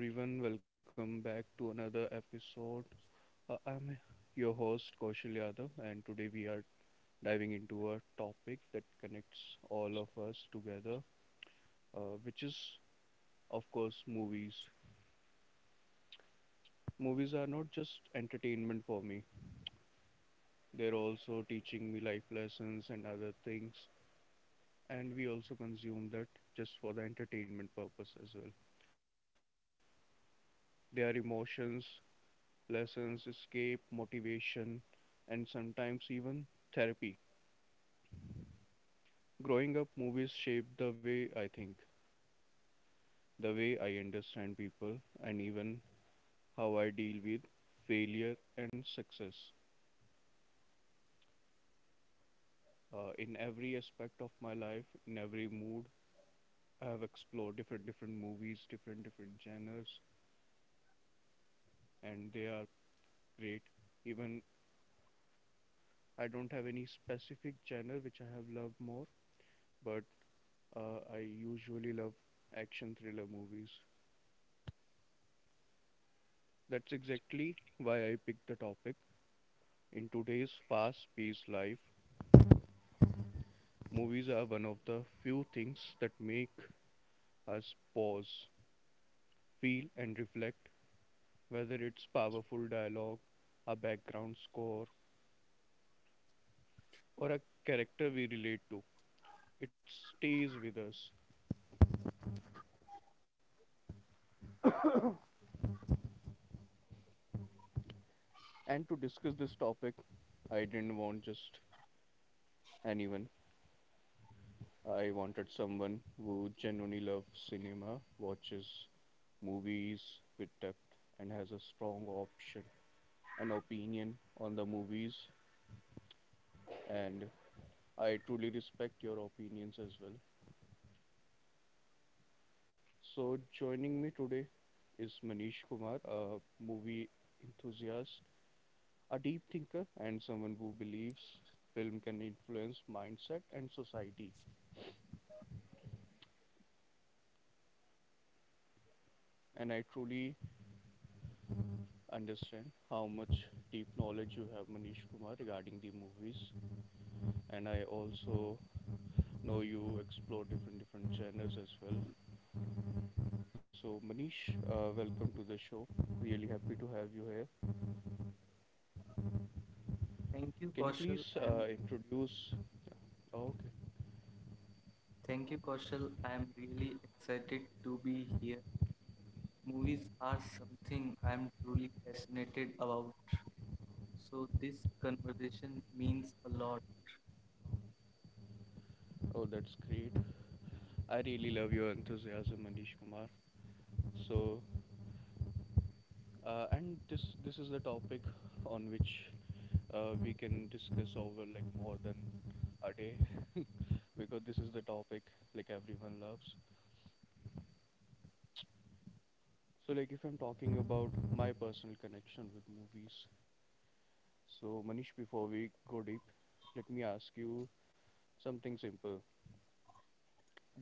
Hello everyone, welcome back to another episode. I'm your host Kaushal Yadav, and today we are diving into a topic that connects all of us together, which is, of course, movies. Movies are not just entertainment for me; they're also teaching me life lessons and other things. And we also consume that just for the entertainment purpose as well. They are emotions, lessons, escape, motivation, and sometimes even therapy. Growing up, movies shaped the way I think, the way I understand people, and even how I deal with failure and success. In every aspect of my life, in every mood, I have explored different movies, different genres, and they are great. Even I don't have any specific genre which I have loved more, but I usually love action thriller movies. That's exactly why I picked the topic. In today's fast paced life, movies are one of the few things that make us pause, feel, and reflect, whether it's powerful dialogue, a background score, or a character we relate to. It stays with us. And to discuss this topic, I didn't want just anyone. I wanted someone who genuinely loves cinema, watches movies with depth, and has a strong option, an opinion on the movies, and I truly respect your opinions as well. So, joining me today is Manish Kumar, a movie enthusiast, a deep thinker, and someone who believes film can influence mindset and society. And I truly understand how much deep knowledge you have, Manish Kumar, regarding the movies. And I also know you explore different genres as well. So, Manish, welcome to the show. Really happy to have you here. Thank you, Can you please Kaushal. I'm introduce. Okay. thank you, Kaushal. I'm really excited to be here. Movies are something I'm truly passionate about. So this conversation means a lot. Oh, that's great. I really love your enthusiasm, Manish Kumar. So, and this is the topic on which we can discuss over like more than a day, because this is the topic like everyone loves. So, like if I'm talking about my personal connection with movies, so Manish, before we go deep, let me ask you something simple.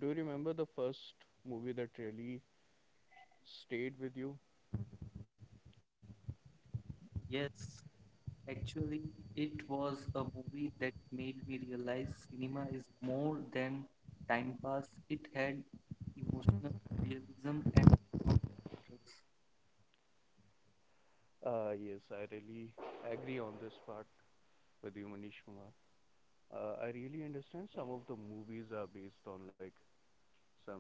Do you remember the first movie that really stayed with you? Yes, actually, it was a movie that made me realize cinema is more than time pass. It had emotional realism and strong characters. Yes, I really agree on this part with you, Manish Kumar. I really understand some of the movies are based on like some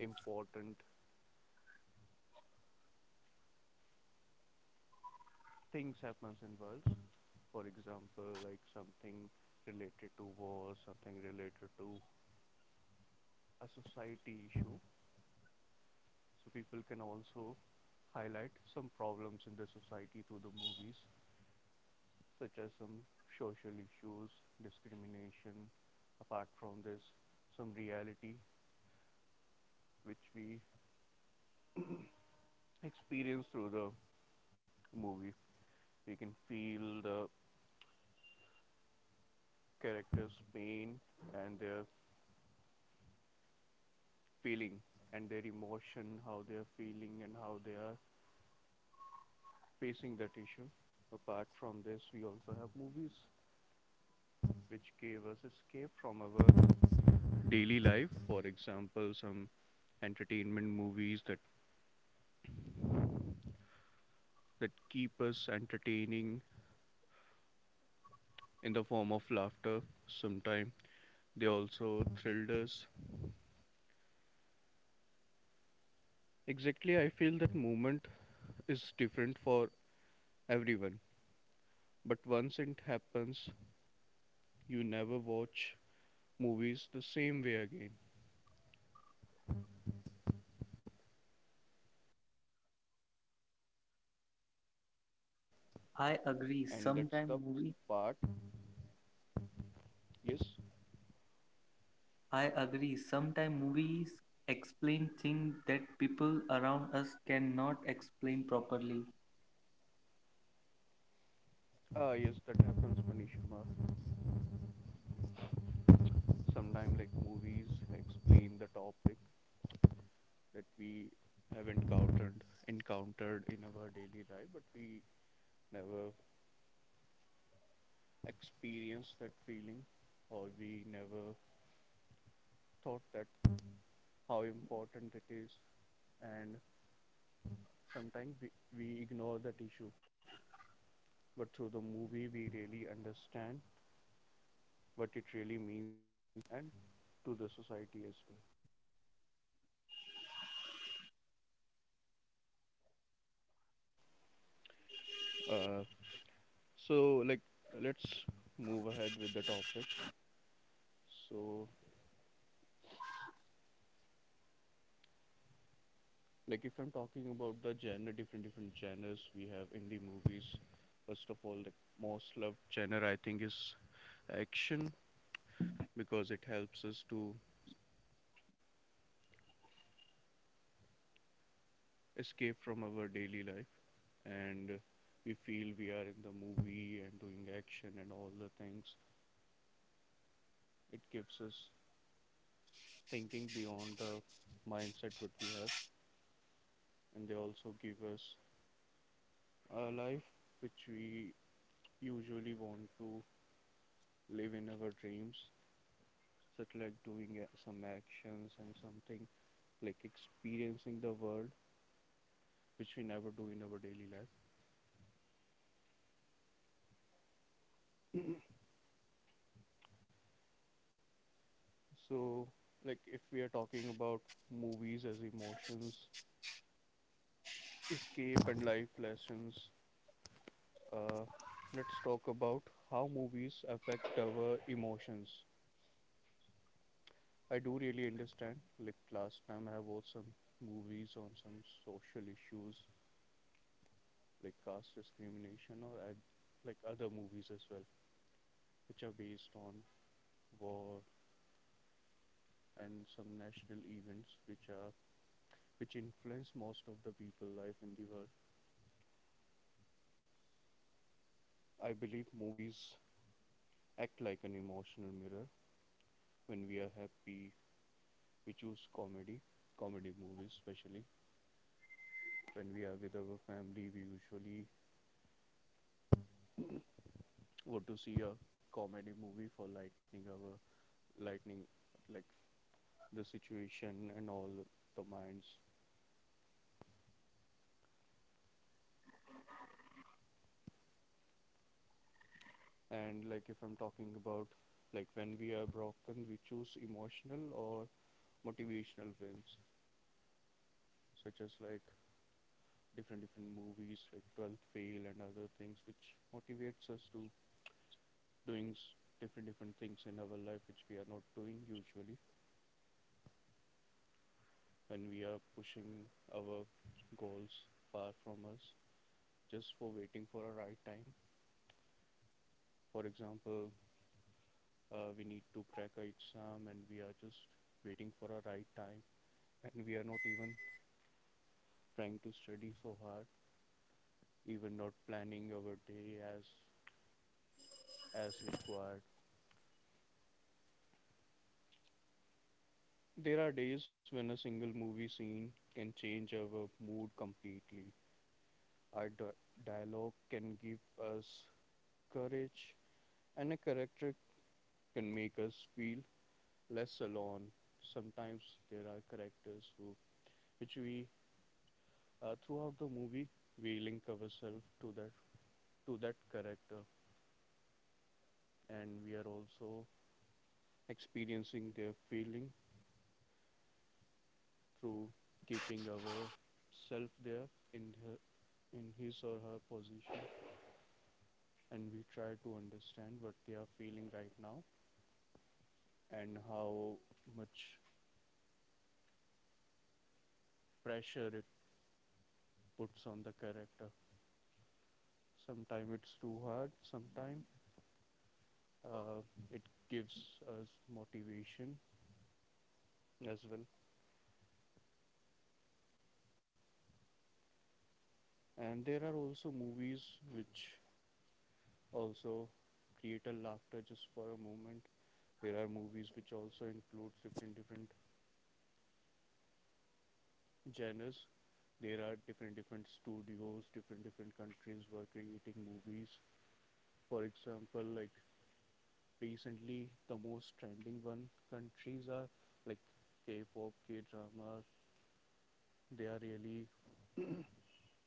important things happens in world. For example, like something related to war, something related to a society issue. So people can also highlight some problems in the society through the movies, such as some social issues, discrimination. Apart from this, some reality which we experience through the movie. You can feel the characters' pain and their feeling and their emotion, how they are feeling and how they are facing that issue. Apart from this, we also have movies which gave us escape from our daily life. For example, some entertainment movies that keep us entertaining in the form of laughter. Sometimes they also thrilled us. Exactly, I feel that movement is different for everyone, but once it happens, you never watch movies the same way again. I agree. And that's Sometimes the movie part. Yes. I agree. Sometimes movies explain things that people around us cannot explain properly. Ah, yes, that happens, Manishma. Sometimes, like movies explain the topic that we have encountered in our daily life, but we never experienced that feeling, or we never thought that how important it is. And sometimes we ignore that issue, but through the movie we really understand what it really means and to the society as well. Uh, so like let's move ahead with the topic. So like if I'm talking about the genre, different genres we have in the movies. First of all, like most loved genre I think is action, because it helps us to escape from our daily life, and we feel we are in the movie and doing action and all the things. It gives us thinking beyond the mindset what we have, and they also give us a life which we usually want to live in our dreams, such like doing some actions and something like experiencing the world which we never do in our daily life. So like if we are talking about movies as emotions, escape and life lessons, uh, let's talk about how movies affect our emotions. I do really understand. Like last time, I have watched some movies on some social issues, like caste discrimination, like other movies as well, which are based on war and some national events, which are which influence most of the people life in the world. I believe movies act like an emotional mirror. When we are happy, we choose comedy, comedy movies especially. When we are with our family, we usually would to see a comedy movie for lightning hour, lightning like the situation and all the minds. And like if I'm talking about like when we are broken, we choose emotional or motivational films, such as like different movies like 12th Fail and other things which motivates us to doing different things in our life which we are not doing usually, when we are pushing our goals far from us just for waiting for a right time. For example, we need to crack an exam and we are just waiting for a right time, and we are not even trying to study so hard, even not planning our day as required. There are days when a single movie scene can change our mood completely. Our dialogue can give us courage, and a character can make us feel less alone. Sometimes there are characters who which we throughout the movie, we link ourselves to that character, and we are also experiencing their feeling through keeping our self there in her, in his or her position, and we try to understand what they are feeling right now and how much pressure it puts on the character. Sometimes it's too hard. Sometimes it gives us motivation as well. And there are also movies which also create a laughter just for a moment. There are movies which also includes different genres. There are different studios, different countries were creating movies. For example, like recently the most trending one countries are like K-pop, K-drama. They are really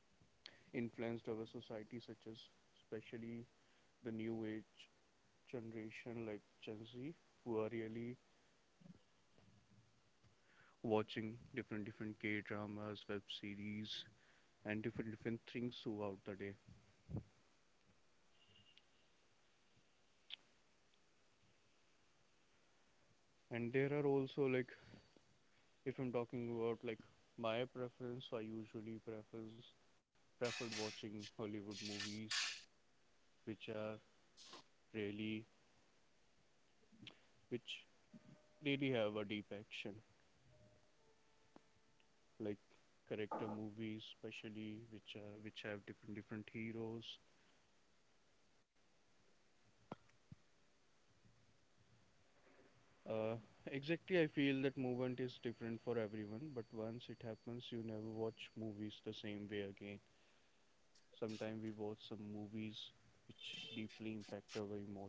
influenced our society, such as especially the new age generation like Gen Z, who are really watching different K dramas, web series, and different things throughout the day. And there are also like if I'm talking about like my preference, I usually prefers preferred watching Hollywood movies, which are really which really have a deep action, like character movies, especially which are which have different heroes. Uh, exactly, I feel that movement is different for everyone, but once it happens, you never watch movies the same way again. Sometimes we watch some movies which deeply impact our emotions.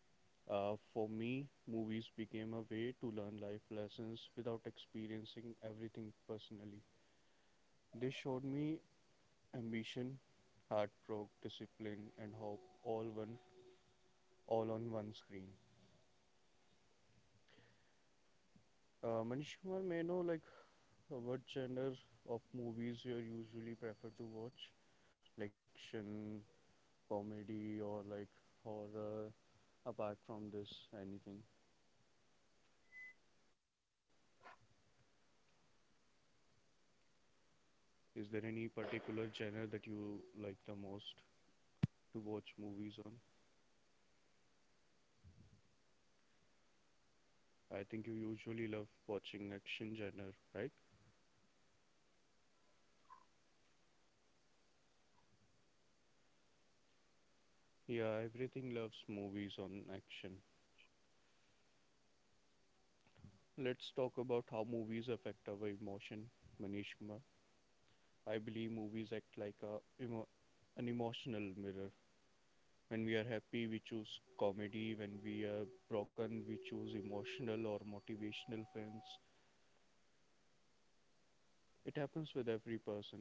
For me, movies became a way to learn life lessons without experiencing everything personally. They showed me ambition, heartbreak, discipline, and hope all one all on one screen. Manish Kumar, may I know like what genre of movies you usually prefer to watch? Like action, comedy, or like horror? Apart from this, anything? Is there any particular genre that you like the most to watch movies on? I think you usually love watching action genre, right? Yeah, everything loves movies on action. Let's talk about how movies affect our emotion, Manishma. I believe movies act like emo- an emotional mirror. When we are happy, we choose comedy. When we are broken, we choose emotional or motivational films. It happens with every person,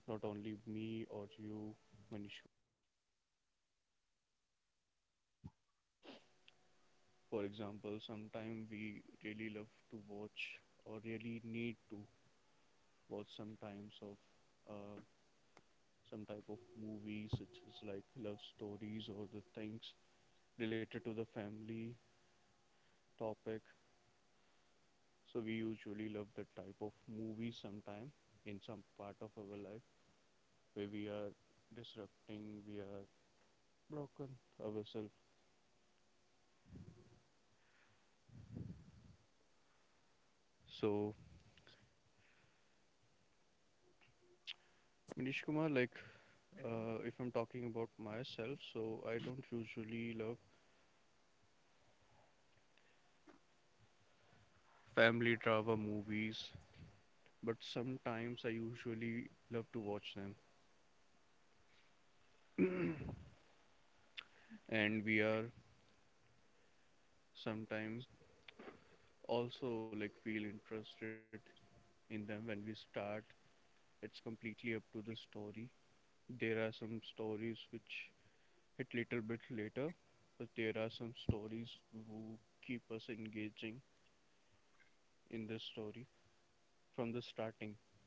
not only me or you, Manish. For example, sometimes we really love to watch or really need to watch sometimes of uh, some type of movies such as like love stories or the things related to the family topic. So we usually love that type of movie sometime in some part of our life where we are disrupting, we are broken ourselves. So, Manish Kumar, like if I'm talking about myself, so I don't usually love family drama movies, but sometimes I usually love to watch them. And we are sometime also like feel interested in them when we start. It's completely up to the story. There are some stories which it little bit later, but there are some stories who keep us engaging in the story from the starting.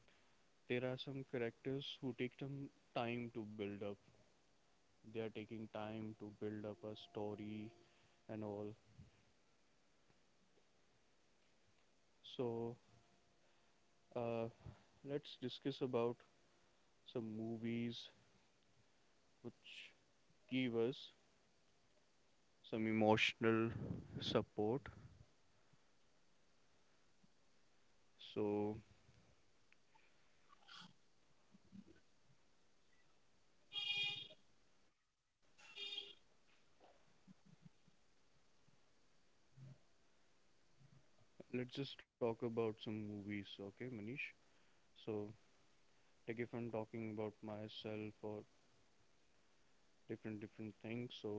There are some characters who take some time to build up. They are taking time to build up a story and all. So uh, let's discuss about some movies which give us some emotional support. So let's just talk about some movies, okay, Manish? So like if I'm talking about myself or different different things, so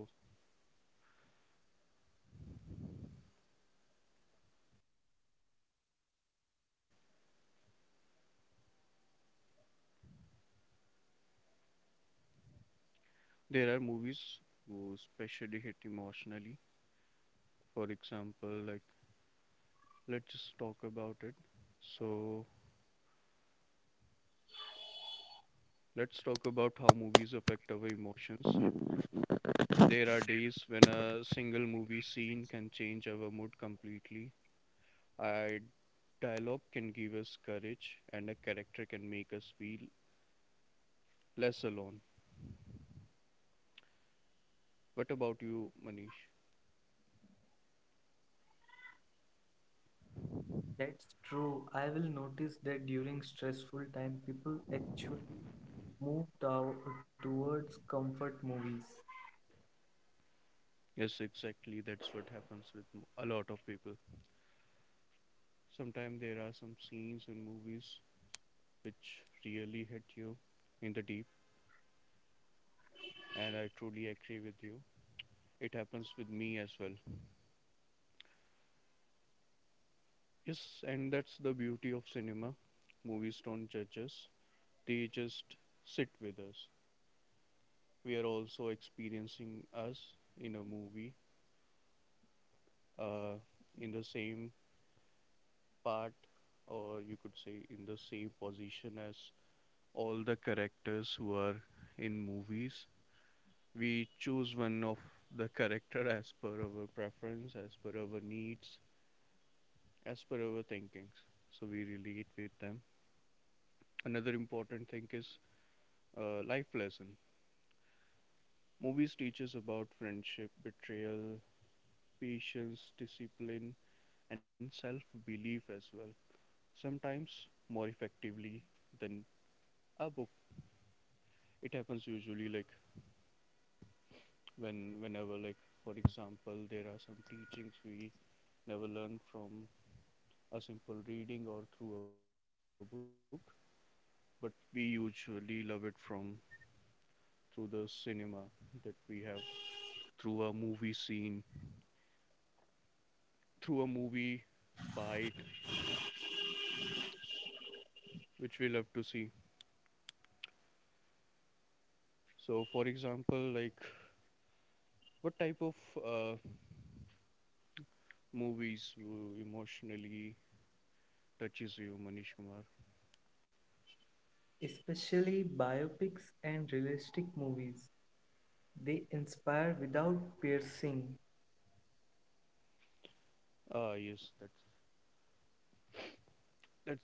there are movies who especially hit emotionally. For example, like let's just talk about it. So let's talk about how movies affect our emotions. There are days when a single movie scene can change our mood completely. A dialogue can give us courage, and a character can make us feel less alone. What about you, Manish? That's true. I will notice that during stressful time, people actually move tow- towards comfort movies, Yes, exactly, that's what happens with a lot of people. Sometimes there are some scenes in movies which really hit you in the deep, and I truly agree with you. It happens with me as well. Yes, and that's the beauty of cinema. Movies don't judge us, they just sit with us. We are also experiencing us in a movie, uh, in the same part, or you could say in the same position as all the characters who are in movies. We choose one of the character as per our preference, as per our needs, as per our thinkings, so we relate with them. Another important thing is life lesson. Movies teaches about friendship, betrayal, patience, discipline, and self-belief as well, sometimes more effectively than a book. It happens usually like whenever like for example there are some teachings we never learn from a simple reading or through a book, but we usually love it from through the cinema that we have, through a movie scene, through a movie bite which we love to see. So for example, like what type of movies emotionally touches you, Manish Kumar? especially biopics and realistic movies. They inspire without piercing. Ah yes, that's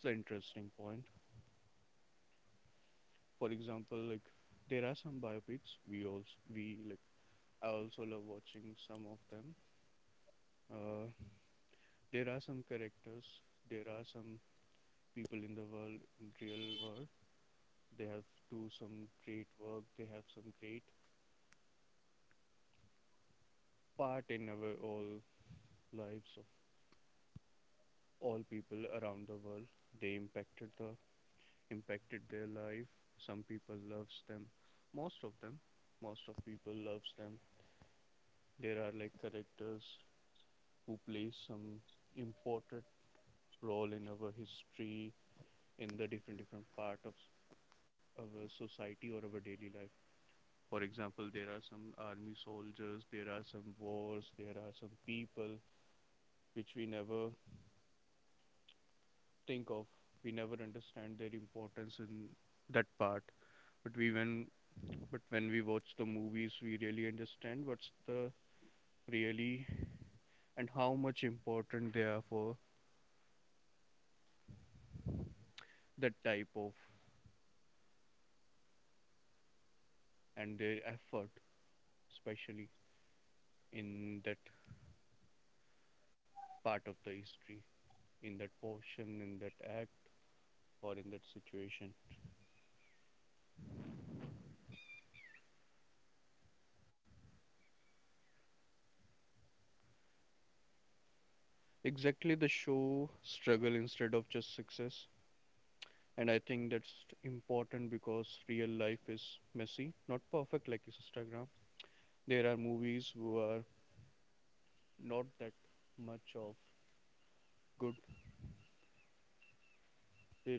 that's the interesting point. For example, like there are some biopics we also we like. I also love watching some of them. uh, there are some characters, there are some people in the world, in real world, they have do some great work, they have some great part in our all lives of all people around the world. They impacted the impacted their life. Some people loves them, most of them most of people loves them. There are like characters who play some important role in our history, in the different different part of our society or our daily life. For example, there are some army soldiers, there are some wars, there are some people which we never think of. We never understand their importance in that part. But we when but when we watch the movies, we really understand what's the really and how much important they are for that type of, and their effort, especially in that part of the history, in that portion, in that act, or in that situation. Exactly, the show struggle instead of just success. And I think that's important because real life is messy, not perfect like Instagram. There are movies who are not that much of good.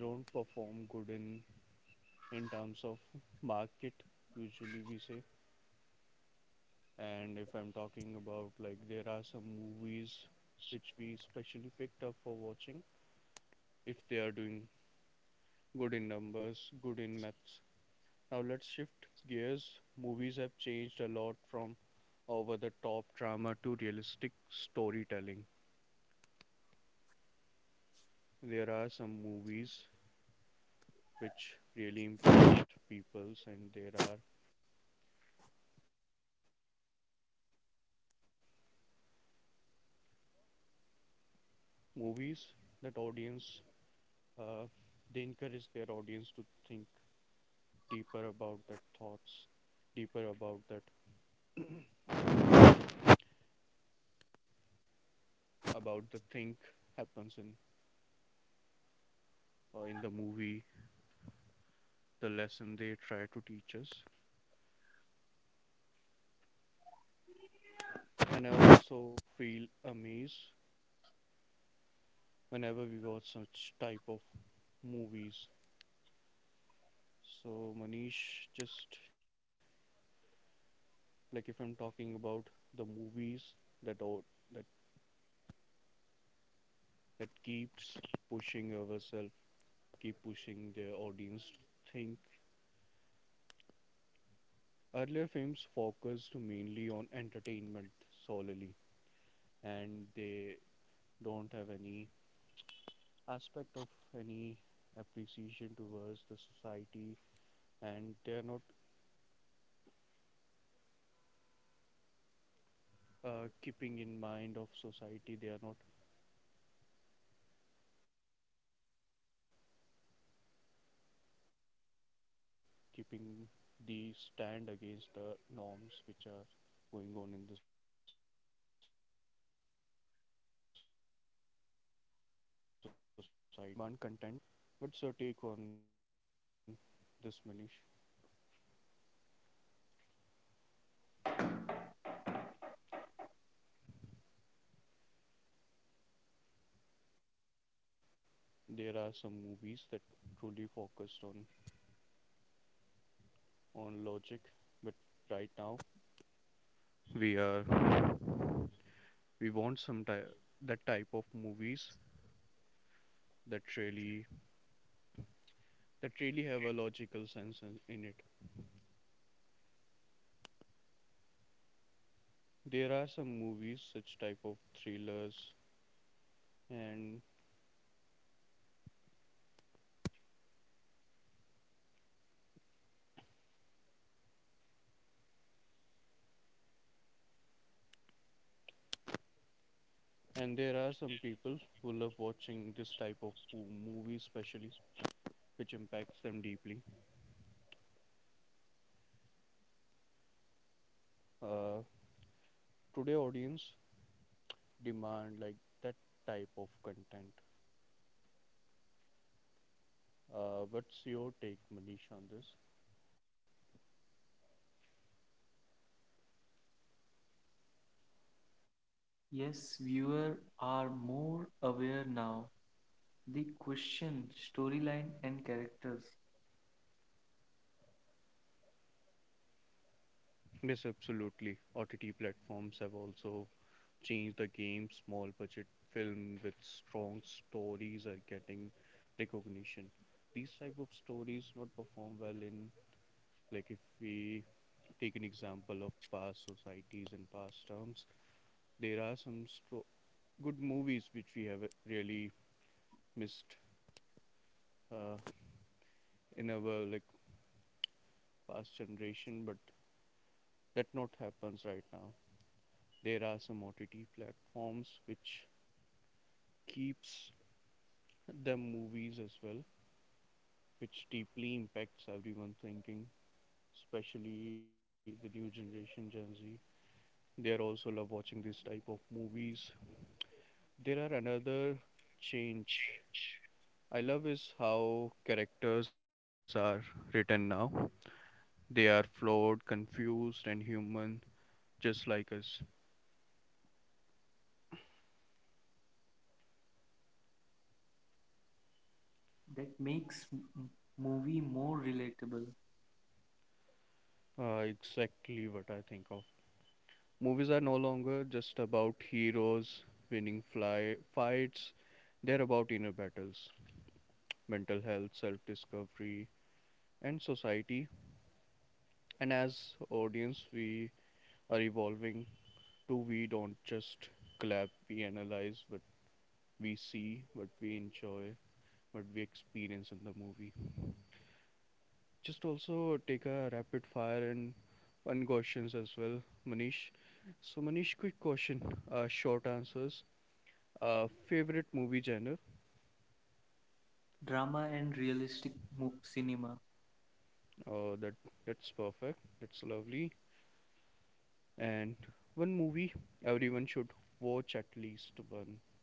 They don't perform good in terms of market, usually we say. And if I'm talking about like there are some movies which we specially picked up for watching, if they are doing good in numbers, good in maths. Now let's shift gears. Movies have changed a lot from over the top drama to realistic storytelling. There are some movies which really impact peoples, and there are movies that audience, uh, they encourage their audience to think deeper about their thoughts, deeper about that about the thing happens in the movie, the lesson they try to teach us. And I also feel amazed whenever we watch such type of movies. So Manish, just like if I'm talking about the movies that au- that that keeps pushing ourselves, keep pushing the audience to think. Earlier films focused mainly on entertainment solely, and they don't have any aspect of any appreciation towards the society, and they are not keeping in mind of society. They are not keeping the stand against the norms which are going on in the societies. Today, audience demand content, logic, and authentic performance. What's your take on this, Manish? There are some movies that truly focused on logic, but right now we are we want some type that type of movies that really have a logical sense in it. There are some movies, such type of thrillers, and there are some people who love watching this type of movie, especially which impacts them deeply. uh, Today audience demand like that type of content. Uh, what's your take, Manish, on this? Yes, viewers are more aware now. They question storyline and characters. Yes, absolutely. OTT platforms have also changed the game. Small budget film with strong stories are getting recognition. These type of stories not perform well in, like if we take an example of past societies and past terms, there are some good movies which we have really missed uh, in our like past generation, but that not happens right now. There are some OTT platforms which keeps the movies as well, which deeply impacts everyone thinking, especially the new generation Gen Z. They are also love watching this type of movies. There are another change I love is how characters are written now. They are flawed, confused, and human, just like us. That makes movie more relatable. Exactly what I think of. Movies are no longer just about heroes winning fly fights. They're about inner battles, mental health, self-discovery, and society. And as audience, we are evolving to. We don't just clap, we analyze what we see, what we enjoy, what we experience in the movie. Just also take a rapid fire and fun questions as well, Manish. So, Manish, quick question, short answers. Favorite movie genre? Drama and realistic cinema. Oh, that's perfect. That's lovely. And one movie everyone should watch at least one.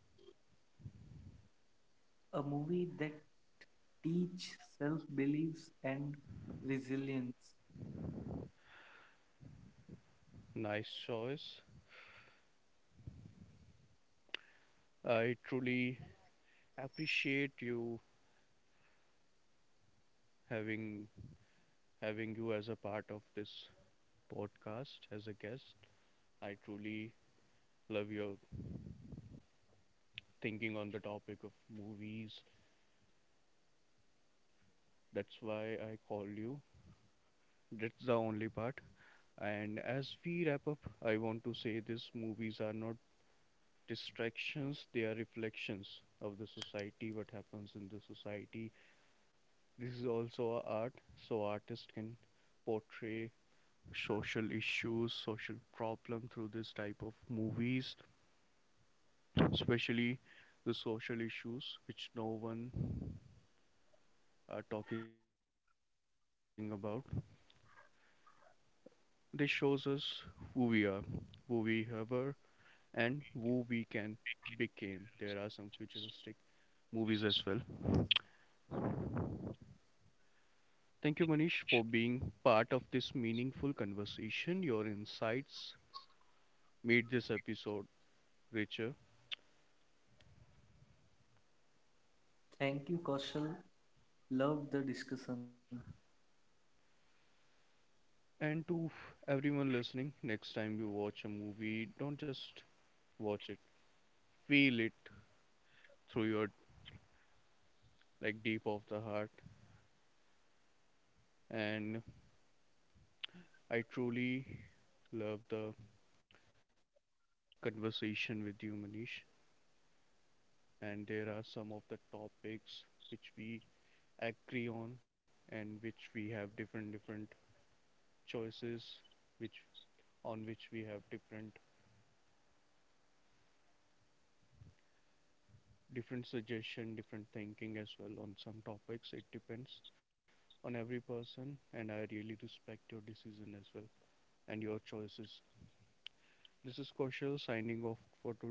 A movie that teach self beliefs and resilience. Nice choice. I truly appreciate you having having you as a part of this podcast as a guest. I truly love your thinking on the topic of movies. That's why I called you. That's the only part. And as we wrap up, I want to say these movies are not distractions, they are reflections of the society, what happens in the society. This is also a art, so artists can portray social issues, social problem through this type of movies, especially the social issues which no one are talking about. This shows us who we are, who we ever, and who we can became. There are some futuristic movies as well. Thank you, Manish, for being part of this meaningful conversation. Your insights made this episode richer. Thank you, Kaushal. Loved the discussion. And to everyone listening, next time you watch a movie, don't just watch it, feel it through your like deep of the heart. And I truly love the conversation with you, Manish. And there are some of the topics which we agree on and which we have different different choices, which on which we have different different suggestion, different thinking as well. On some topics it depends on every person, and I really respect your decision as well and your choices. This is Kaushal signing off for today.